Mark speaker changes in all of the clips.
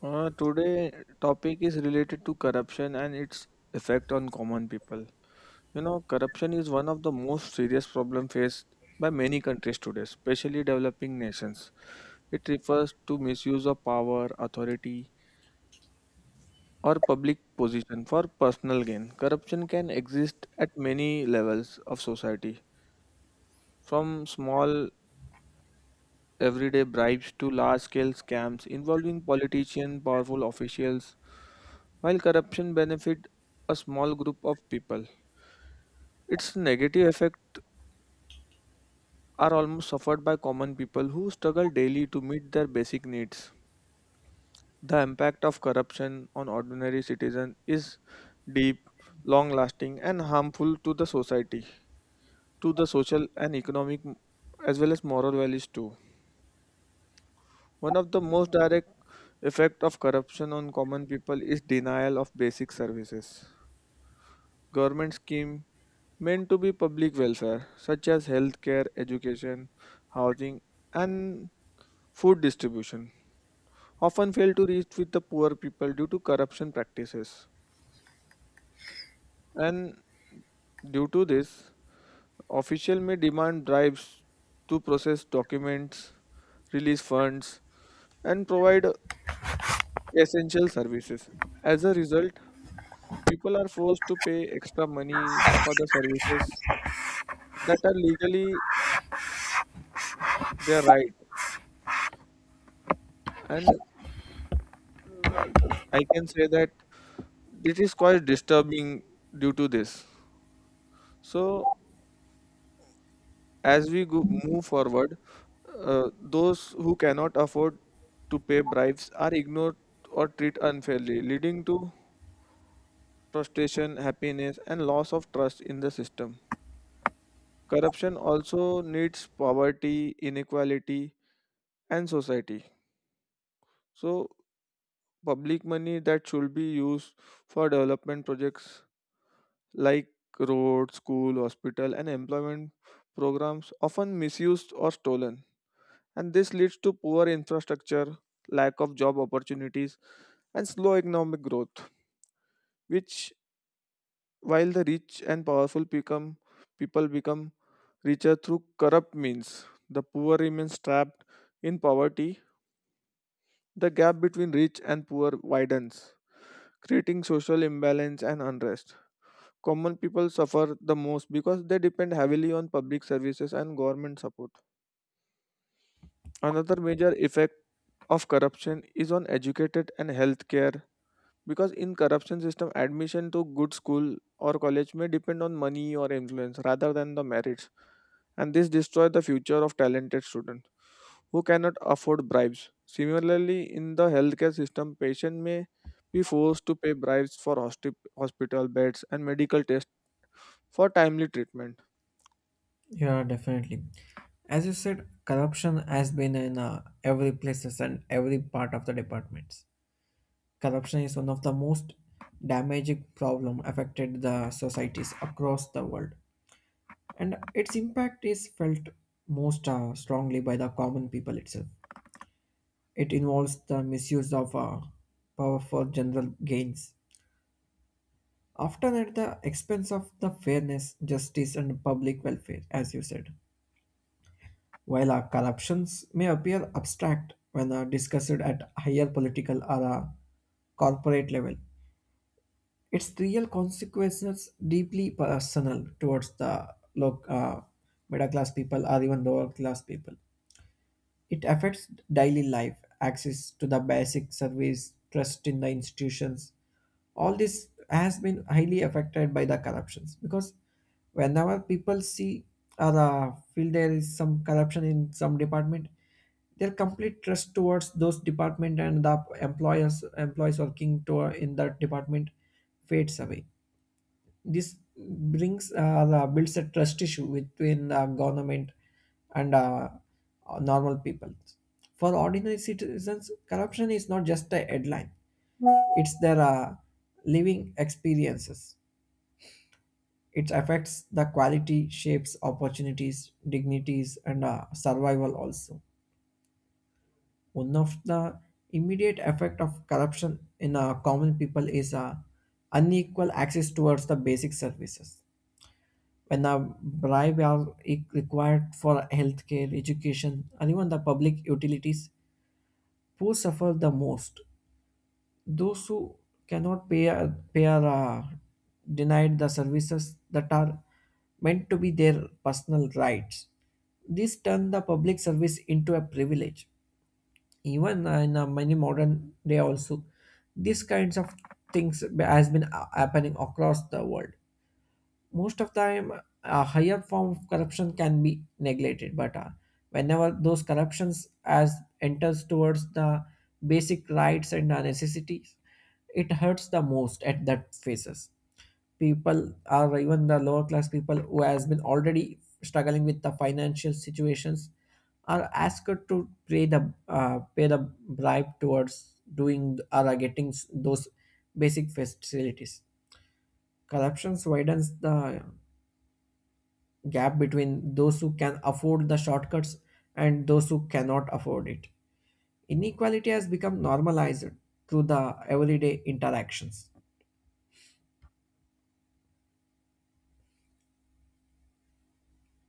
Speaker 1: Today topic is related to corruption and its effect on common people. You know, corruption is one of the most serious problem faced by many countries today, especially developing nations. It refers to misuse of power, authority, or public position for personal gain. Corruption can exist at many levels of society, from small everyday bribes to large-scale scams involving politicians, powerful officials, while corruption benefit a small group of people. Its negative effect are almost suffered by common people who struggle daily to meet their basic needs. The impact of corruption on ordinary citizens is deep, long-lasting, and harmful to the society, to the social and economic as well as moral values too. One of the most direct effect of corruption on common people is denial of basic services. Government scheme meant to be public welfare such as healthcare, education, housing and food distribution often fail to reach with the poor people due to corruption practices. And due to this, officials may demand bribes to process documents, release funds and provide essential services. As a result, people are forced to pay extra money for the services that are legally their right. And uh, I can say that it is quite disturbing due to this. So, as we go, move forward, those who cannot afford to pay bribes are ignored or treated unfairly, leading to frustration, happiness, and loss of trust in the system. Corruption also needs poverty, inequality, and society. So, public money that should be used for development projects like road, school, hospital, and employment programs often misused or stolen. And this leads to poor infrastructure, lack of job opportunities, and slow economic growth, which while the rich and powerful become people become richer through corrupt means, the poor remains trapped in poverty. The gap between rich and poor widens, creating social imbalance and unrest. Common people suffer the most because they depend heavily on public services and government support. Another major effect of corruption is on educated and healthcare, because in corruption system, admission to good school or college may depend on money or influence rather than the merits, and this destroy the future of talented students who cannot afford bribes. Similarly, in the healthcare system, patient may be forced to pay bribes for hospital beds and medical tests for timely treatment.
Speaker 2: Yeah, definitely. As you said, corruption has been in every places and every part of the departments. Corruption is one of the most damaging problem affected the societies across the world, and its impact is felt most strongly by the common people itself. It involves the misuse of power for general gains, often at the expense of the fairness, justice, and public welfare, as you said. While our corruptions may appear abstract when discussed at higher political or corporate level, its real consequences deeply personal towards the low, middle class people or even lower class people. It affects daily life, access to the basic service, trust in the institutions. All this has been highly affected by the corruptions, because whenever people see or feel there is some corruption in some department, their complete trust towards those department and the employers employees working to in that department fades away. This brings builds a trust issue between the government and normal people. For ordinary citizens, corruption is not just a headline; it's their living experiences. It affects the quality, shapes opportunities, dignities, and survival also. One of the immediate effect of corruption in common people is unequal access towards the basic services when the bribe are required for healthcare, education, and even the public utilities, poor suffer the most. Those who cannot pay are denied the services that are meant to be their personal rights. This turns the public service into a privilege. Even in many modern day also, these kinds of things has been happening across the world. Most of the time a higher form of corruption can be neglected, but whenever those corruptions as enters towards the basic rights and necessities, it hurts the most at that phases. People are even the lower class people who has been already struggling with the financial situations are asked to pay the bribe towards doing or getting those basic facilities. Corruptions widens the gap between those who can afford the shortcuts and those who cannot afford it. Inequality has become normalized through the everyday interactions.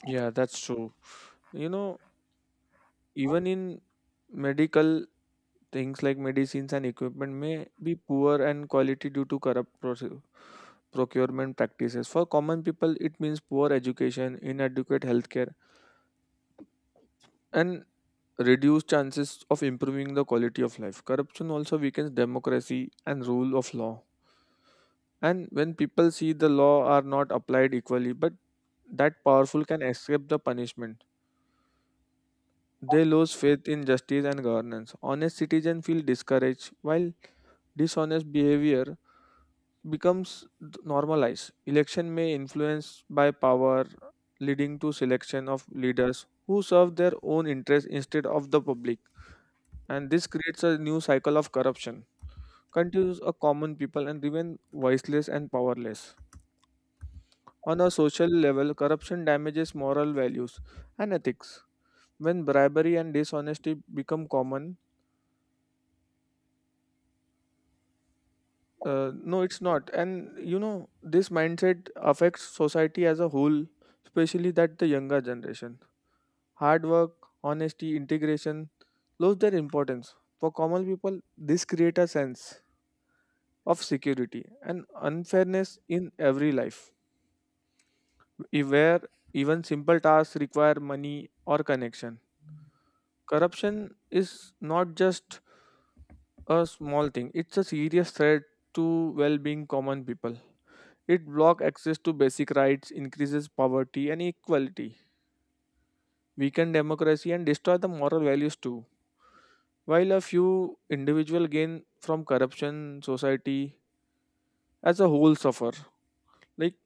Speaker 1: Yeah, that's true. You know, even in medical things like medicines and equipment may be poor and quality due to corrupt procurement practices. For common people, it means poor education, inadequate healthcare, and reduced chances of improving the quality of life. Corruption also weakens democracy and rule of law. And when people see the law are not applied equally, but that powerful can escape the punishment. They lose faith in justice and governance. Honest citizens feel discouraged, while dishonest behavior becomes normalized. Election may influence by power, leading to selection of leaders who serve their own interests instead of the public. And this creates a new cycle of corruption, continues a common people and remain voiceless and powerless. On a social level, corruption damages moral values and ethics. When bribery and dishonesty become common, uh, no, it's not. And you know, this mindset affects society as a whole, especially that the younger generation. Hard work, honesty, integration lose their importance. For common people, this creates a sense of security and unfairness in every life, where even simple tasks require money or connection. Corruption is not just a small thing, it's a serious threat to well being common people. It blocks access to basic rights, increases poverty and inequality, weaken democracy, and destroy the moral values too. While a few individuals gain from corruption, society as a whole suffer. Like,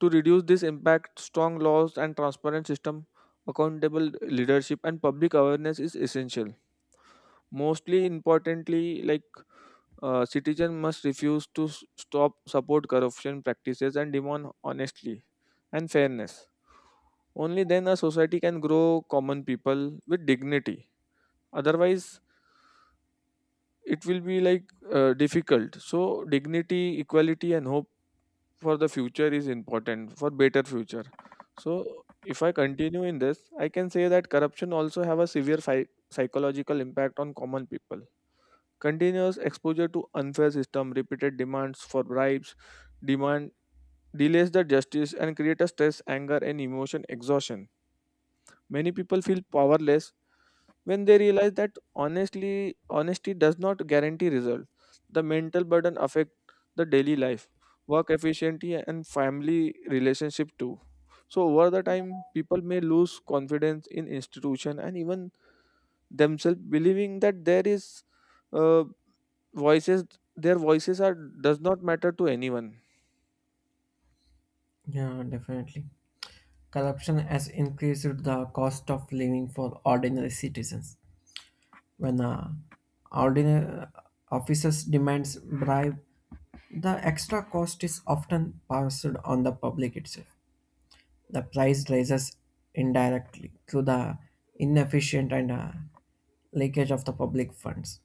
Speaker 1: to reduce this impact, strong laws and transparent system, accountable leadership, and public awareness is essential. Mostly importantly, like citizens must refuse to stop support corruption practices and demand honestly and fairness. Only then a society can grow common people with dignity. Otherwise, it will be like, difficult. So, dignity, equality, and hope for the future is important for better future. So, if I continue in this, I can say that corruption also have a severe psychological impact on common people. Continuous exposure to unfair system, repeated demands for bribes, demand delays the justice and create a stress, anger, and emotion exhaustion. Many people feel powerless when they realize that honestly honesty does not guarantee result. The mental burden affect the daily life, work efficiency, and family relationship too. So over the time, people may lose confidence in institution and even themselves, believing that there is, uh, voices, their voices are, does not matter to anyone.
Speaker 2: Yeah, definitely. Corruption has increased the cost of living for ordinary citizens. When ordinary officers demands bribe, the extra cost is often passed on the public itself. The price rises indirectly through the inefficient and leakage of the public funds.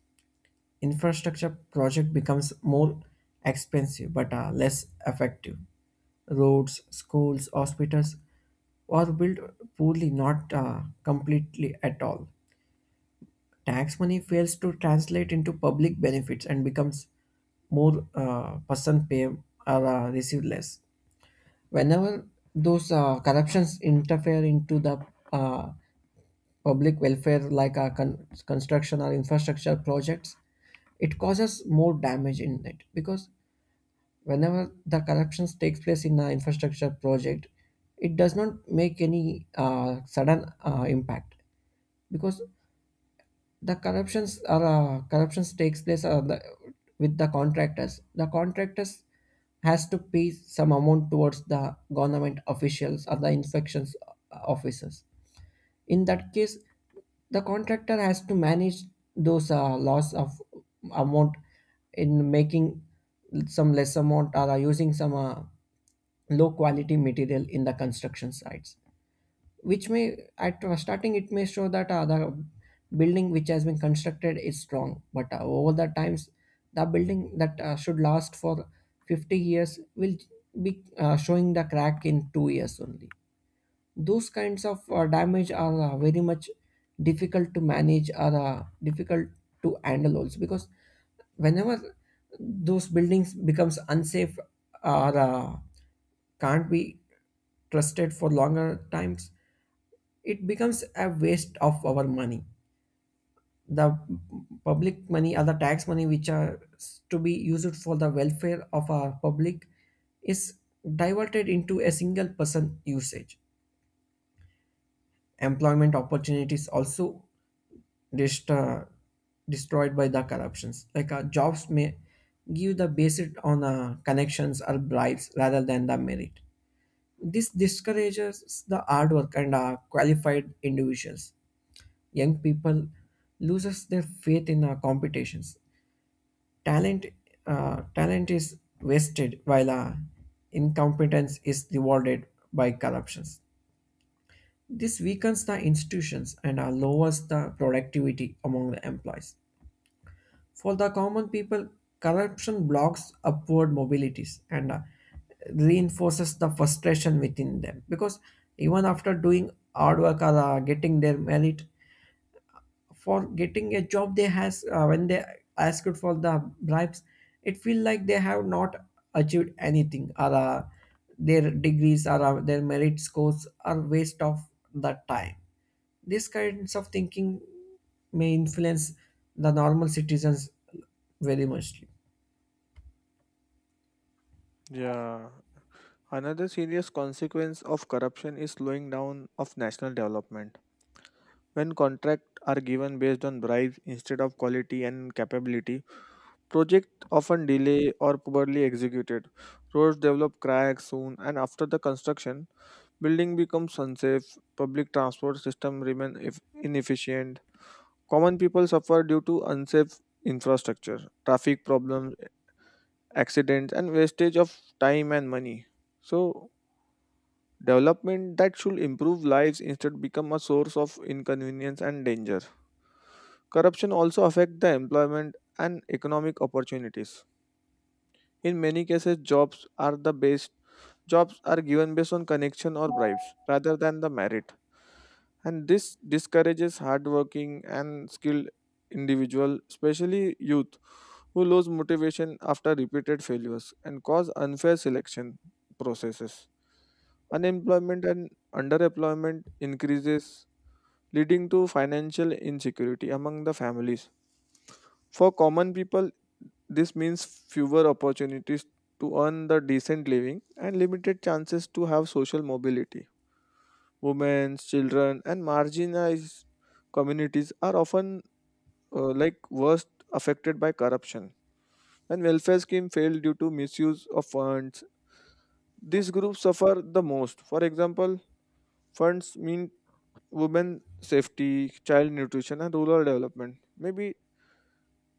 Speaker 2: Infrastructure project becomes more expensive but less effective. Roads, schools, hospitals are built poorly, not completely at all. Tax money fails to translate into public benefits and becomes more person pay or receive less whenever those corruptions interfere into the uh, public welfare like construction or infrastructure projects. It causes more damage in it, because whenever the corruptions takes place in an infrastructure project, it does not make any sudden impact, because the corruptions takes place with the contractors has to pay some amount towards the government officials or the inspections officers. In that case the contractor has to manage those loss of amount in making some less amount or using some low quality material in the construction sites, which may at starting it may show that the building which has been constructed is strong, but over the times the building that should last for 50 years will be showing the crack in 2 years only. Those kinds of damage are very much difficult to manage or difficult to handle also, because whenever those buildings becomes unsafe or can't be trusted for longer times, it becomes a waste of our money. The public money or the tax money which are to be used for the welfare of our public is diverted into a single person usage. Employment opportunities also dest- uh, destroyed by the corruptions. Like jobs may give the basis on connections or bribes rather than the merit. This discourages the hard work and qualified individuals. Young people loses their faith in competitions. Talent, talent is wasted while incompetence is rewarded by corruptions. This weakens the institutions and lowers the productivity among the employees. For the common people, corruption blocks upward mobilities and reinforces the frustration within them, because even after doing hard work or getting their merit for getting a job they has when they asked for the bribes, it feel like they have not achieved anything or their degrees or their merit scores are waste of the time. These kinds of thinking may influence the normal citizens very much.
Speaker 1: Yeah, another serious consequence of corruption is slowing down of national development. When contracts are given based on bribes instead of quality and capability, projects often delay or poorly executed. Roads develop cracks soon, and after the construction, building becomes unsafe. Public transport system remain inefficient. Common people suffer due to unsafe infrastructure, traffic problems, accidents, and wastage of time and money. So, development that should improve lives instead become a source of inconvenience and danger. Corruption also affects the employment and economic opportunities. In many cases, jobs are given based on connection or bribes rather than the merit, and this discourages hardworking and skilled individual, especially youth, who lose motivation after repeated failures and cause unfair selection processes. Unemployment and underemployment increases, leading to financial insecurity among the families. For common people, this means fewer opportunities to earn the decent living and limited chances to have social mobility. Women, children, and marginalized communities are often, like, worst affected by corruption. And welfare scheme fail due to misuse of funds, these groups suffer the most. For example, funds mean women safety, child nutrition, and rural development. Maybe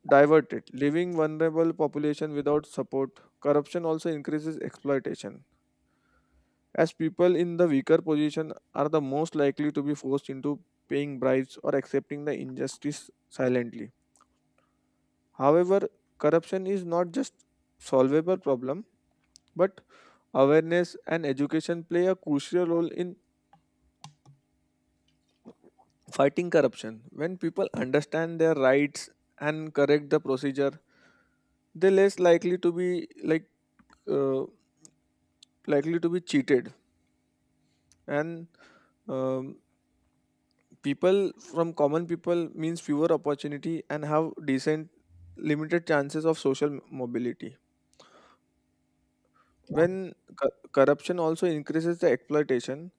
Speaker 1: diverted, leaving vulnerable population without support. Corruption also increases exploitation, as people in the weaker position are the most likely to be forced into paying bribes or accepting the injustice silently. However, corruption is not just solvable problem, but awareness and education play a crucial role in fighting corruption. When people understand their rights and correct the procedure, they're less likely to be like, uh, likely to be cheated, and um, people from common people means fewer opportunity and have decent limited chances of social mobility. When corruption also increases the exploitation,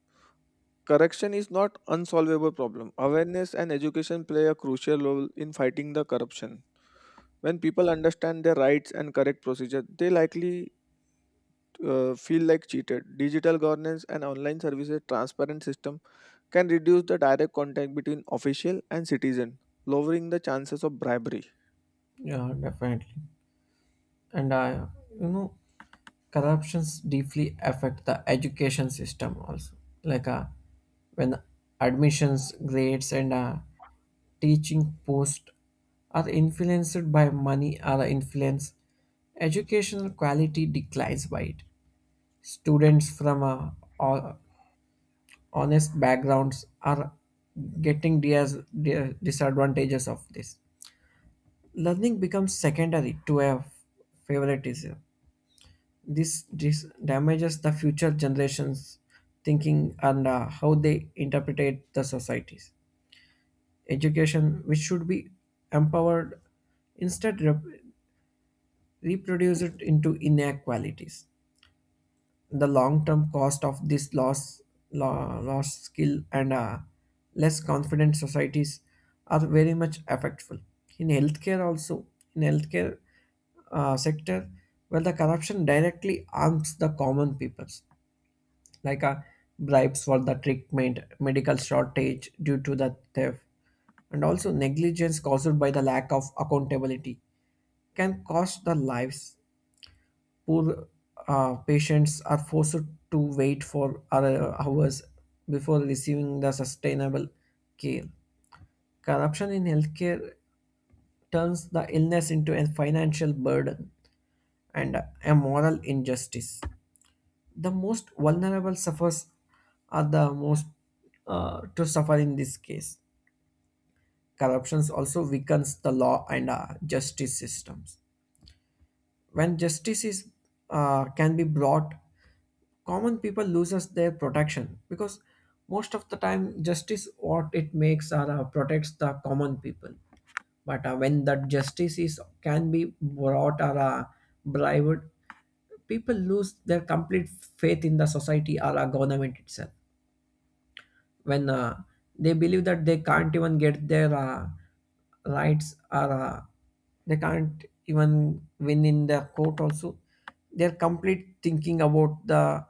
Speaker 1: corruption is not unsolvable problem. Awareness and education play a crucial role in fighting the corruption. When people understand their rights and correct procedure, they likely feel like cheated. Digital governance and online services, transparent system can reduce the direct contact between official and citizen, lowering the chances of bribery.
Speaker 2: Yeah, definitely. And I, you know, corruptions deeply affect the education system also. Like when admissions, grades, and teaching post are influenced by money or influence, educational quality declines by it. Students from ho- honest backgrounds are getting disadvantages of this. Learning becomes secondary to a favoritism. This damages the future generations' thinking and how they interpret the societies. Education, which should be empowered, instead reproduce it into inequalities. The long-term cost of this loss, lost skill, and less confident societies are very much affectful. In healthcare, also in healthcare sector, where the corruption directly harms the common peoples, like bribes for the treatment, medical shortage due to the theft, and also negligence caused by the lack of accountability, can cost the lives. Poor patients are forced to wait for other hours before receiving the sustainable care. Corruption in healthcare turns the illness into a financial burden and a moral injustice. The most vulnerable suffers are the most to suffer in this case. Corruption also weakens the law and justice systems. When justice is can be brought, common people loses their protection, because most of the time justice what it makes are protects the common people. But when that justice is can be brought or bribed, people lose their complete faith in the society or a government itself. When they believe that they can't even get their rights or they can't even win in the court also, their complete thinking about the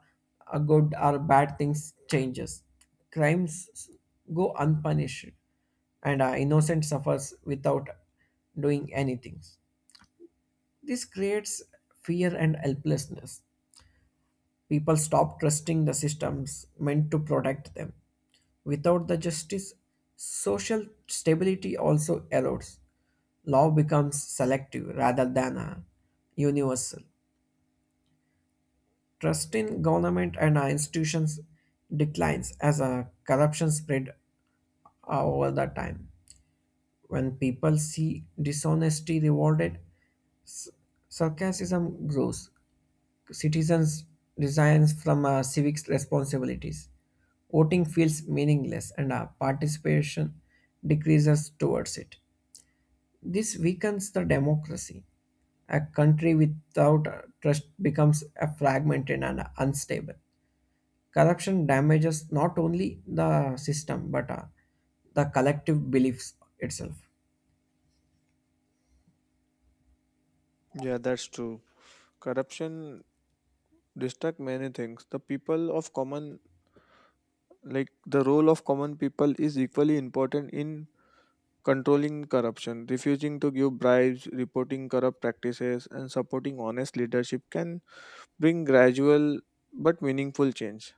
Speaker 2: good or bad things changes. Crimes go unpunished and innocent suffers without doing anything. This creates fear and helplessness. People stop trusting the systems meant to protect them. Without the justice, social stability also erodes. Law becomes selective rather than universal. Trust in government and our institutions declines as a corruption spread over the time. When people see dishonesty rewarded, s- sarcasm grows. Citizens resigns from civic responsibilities. Voting feels meaningless and our participation decreases towards it. This weakens the democracy. A country without trust becomes a fragmented and unstable. Corruption damages not only the system but the collective beliefs itself.
Speaker 1: Yeah, that's true. Corruption distract many things. The people of common, like the role of common people is equally important in controlling corruption. Refusing to give bribes, reporting corrupt practices, and supporting honest leadership can bring gradual but meaningful change.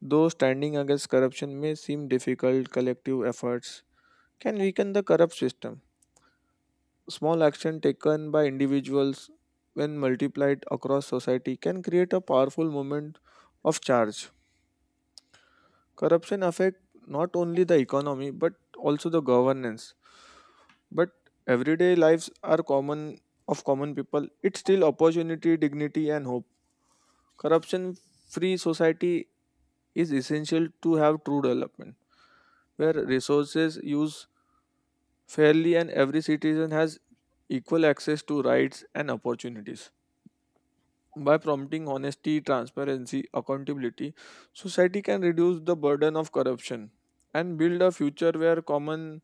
Speaker 1: Though standing against corruption may seem difficult, collective efforts can weaken the corrupt system. Small action taken by individuals, when multiplied across society, can create a powerful movement of charge. Corruption affect not only the economy but also the governance. But everyday lives are common of common people. It's still opportunity, dignity, and hope. Corruption free society is essential to have true development, where resources use fairly, and every citizen has equal access to rights and opportunities. By promoting honesty, transparency, accountability, society can reduce the burden of corruption and build a future where common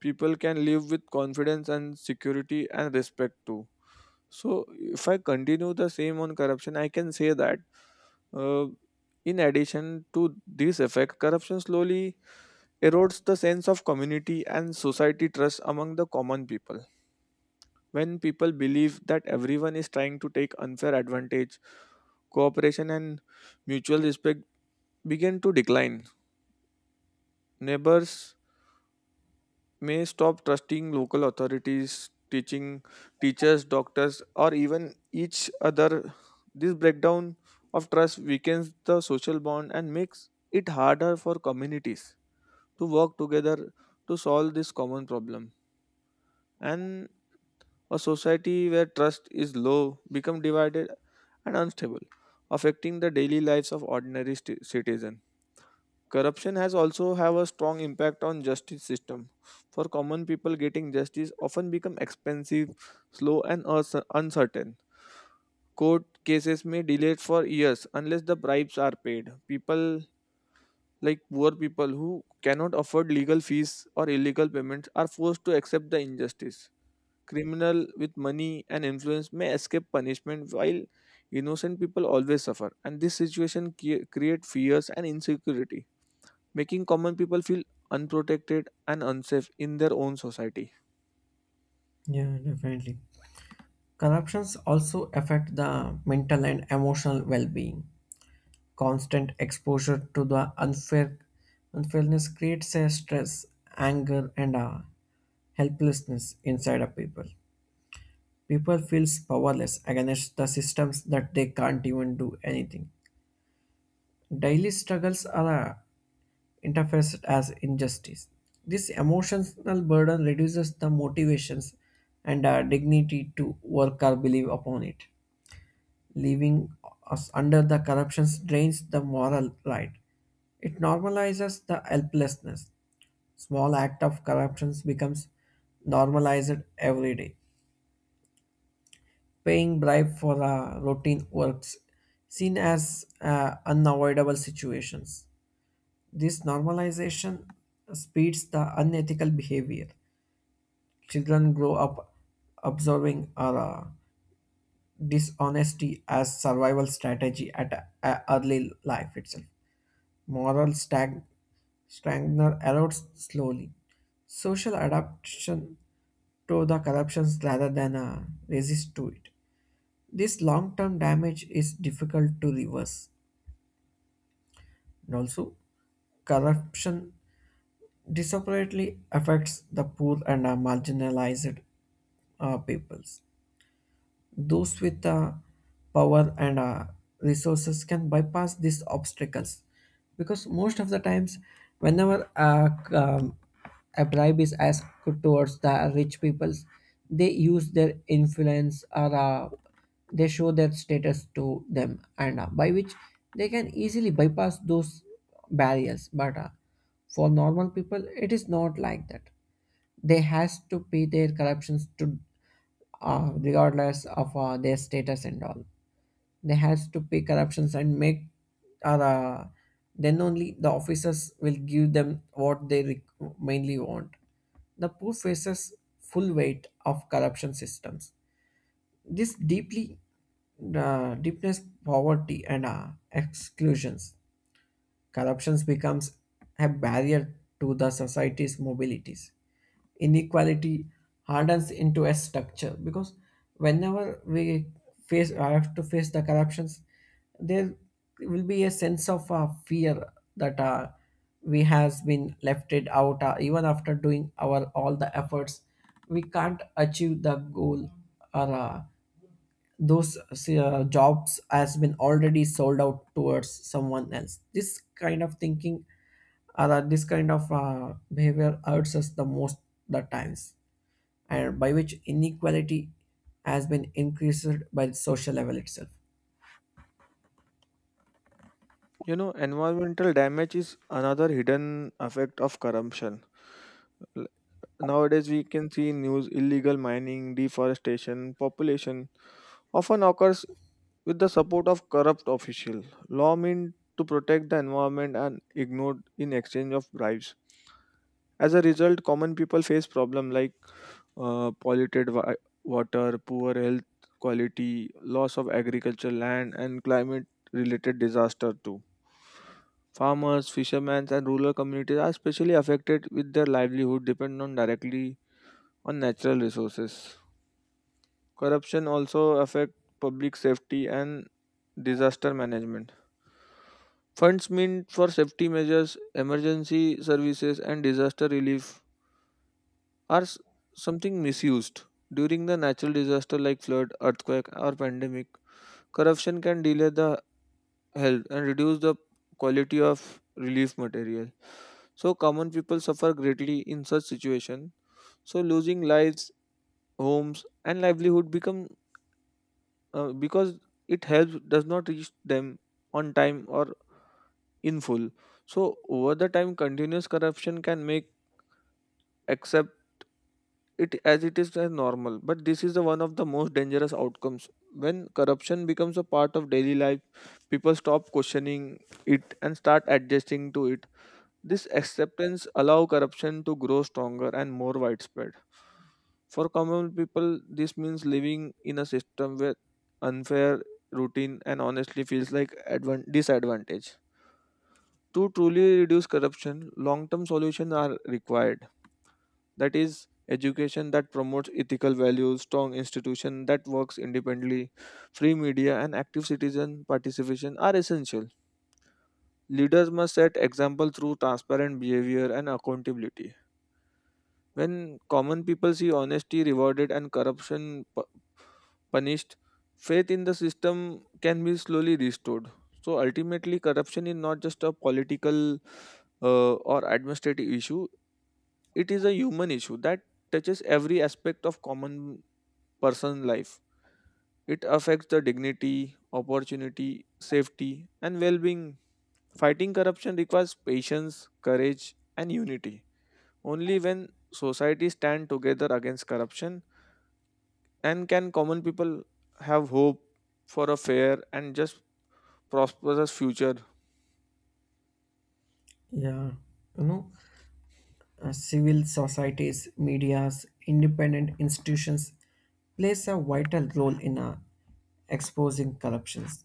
Speaker 1: people can live with confidence and security and respect too. So, if I continue the same on corruption, I can say that, uh, in addition to this effect, corruption slowly erodes the sense of community and society trust among the common people. When people believe that everyone is trying to take unfair advantage, cooperation and mutual respect begin to decline. Neighbors may stop trusting local authorities, teaching teachers, doctors, or even each other. This breakdown of trust weakens the social bond and makes it harder for communities to work together to solve this common problem. And a society where trust is low becomes divided and unstable, affecting the daily lives of ordinary citizens. Corruption has also have a strong impact on justice system. For common people, getting justice often become expensive, slow, and uncertain. Court cases may delay for years unless the bribes are paid. People like poor people who cannot afford legal fees or illegal payments are forced to accept the injustice. Criminal with money and influence may escape punishment while innocent people always suffer, and this situation create fears and insecurity, making common people feel unprotected and unsafe in their own society.
Speaker 2: Yeah, definitely. Corruptions also affect the mental and emotional well-being. Constant exposure to the unfairness creates a stress, anger, and a helplessness inside of people. People feels powerless against the systems that they can't even do anything. Daily struggles are interfaced as injustice. This emotional burden reduces the motivations and dignity to work or believe upon it. Leaving us under the corruption drains the moral right. It normalizes the helplessness. Small act of corruption becomes normalized every day. Paying bribe for routine works seen as unavoidable situations. This normalization speeds the unethical behavior. Children grow up observing dishonesty as survival strategy at a early life itself. moral stag- strengthener erodes slowly. Social adaptation to the corruptions rather than resist to it. This long-term damage is difficult to reverse. And also, corruption disproportionately affects the poor and marginalized peoples. Those with power and resources can bypass these obstacles, because most of the times, whenever a bribe is asked towards the rich peoples, they use their influence or they show their status to them, and by which they can easily bypass those barriers. But for normal people, it is not like that. They has to pay their corruptions to regardless of their status and all. They has to pay corruptions and make or then only the officers will give them what they mainly want. The poor faces full weight of corruption systems. This deeply deepness poverty and exclusions. Corruptions becomes a barrier to the society's mobilities. Inequality hardens into a structure, because whenever we face I have to face the corruptions, there will be a sense of fear that we has been left it out even after doing our all the efforts we can't achieve the goal or those jobs has been already sold out towards someone else. This kind of thinking or this kind of behavior hurts us the most the times, and by which inequality has been increased by the social level itself.
Speaker 1: You know, environmental damage is another hidden effect of corruption. Nowadays, we can see news illegal mining, deforestation, population often occurs with the support of corrupt official. Law meant to protect the environment and ignored in exchange of bribes. As a result, common people face problems like, polluted water, poor health quality, loss of agricultural land, and climate-related disaster too. Farmers, fishermen, and rural communities are especially affected with their livelihood depend on directly on natural resources. Corruption also affect public safety and disaster management. Funds meant for safety measures, emergency services, and disaster relief are something misused. During the natural disaster like flood, earthquake, or pandemic, corruption can delay the health and reduce the quality of relief material. So common people suffer greatly in such situation. So losing lives, homes, and livelihood become, because it helps does not reach them on time or in full. So over the time, continuous corruption can make accept it as it is as normal. But this is the one of the most dangerous outcomes when corruption becomes a part of daily life. People stop questioning it and start adjusting to it. This acceptance allow corruption to grow stronger and more widespread. For common people, this means living in a system where unfair routine and honestly feels like disadvantage. To truly reduce corruption, long-term solutions are required. That is, education that promotes ethical values, strong institution that works independently, free media, and active citizen participation are essential. Leaders must set example through transparent behavior and accountability. When common people see honesty rewarded and corruption punished, faith in the system can be slowly restored. So ultimately, corruption is not just a political, or administrative issue, it is a human issue that touches every aspect of common person life. It affects the dignity, opportunity, safety, and well being. Fighting corruption requires patience, courage, and unity. Only when society stand together against corruption and can common people have hope for a fair and just prosperous future.
Speaker 2: Yeah, you know, civil societies medias independent institutions plays a vital role in exposing corruptions.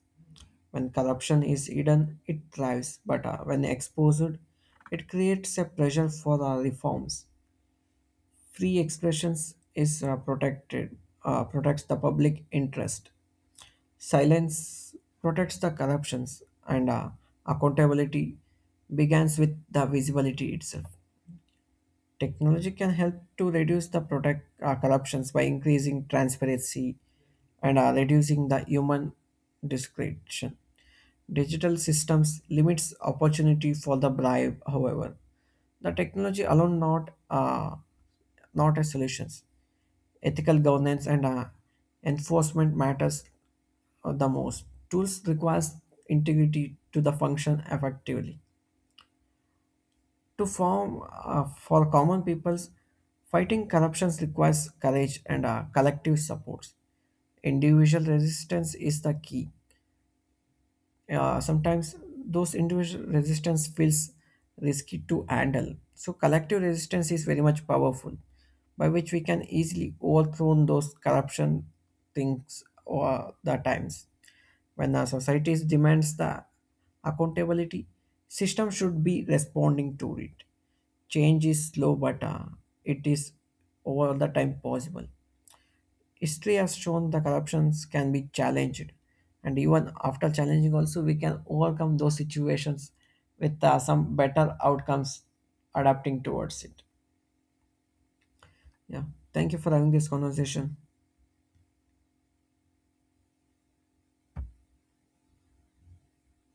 Speaker 2: When corruption is hidden, it thrives, but when exposed, it creates a pressure for reforms. Free expressions is protects the public interest. Silence protects the corruptions, and accountability begins with the visibility itself. Technology can help to reduce the product corruptions by increasing transparency and reducing the human discretion. Digital systems limits opportunity for the bribe, however. The technology alone not a solutions. Ethical governance and enforcement matters the most. Tools requires integrity to the function effectively to form for common peoples. Fighting corruptions requires courage and collective supports. Individual resistance is the key. Sometimes those individual resistance feels risky to handle. So collective resistance is very much powerful, by which we can easily overthrow those corruption things or the times. When the society demands the accountability, system should be responding to it. Change is slow, but it is over the time possible. History has shown the corruptions can be challenged, and even after challenging also we can overcome those situations with some better outcomes adapting towards it. Yeah, thank you for having this conversation.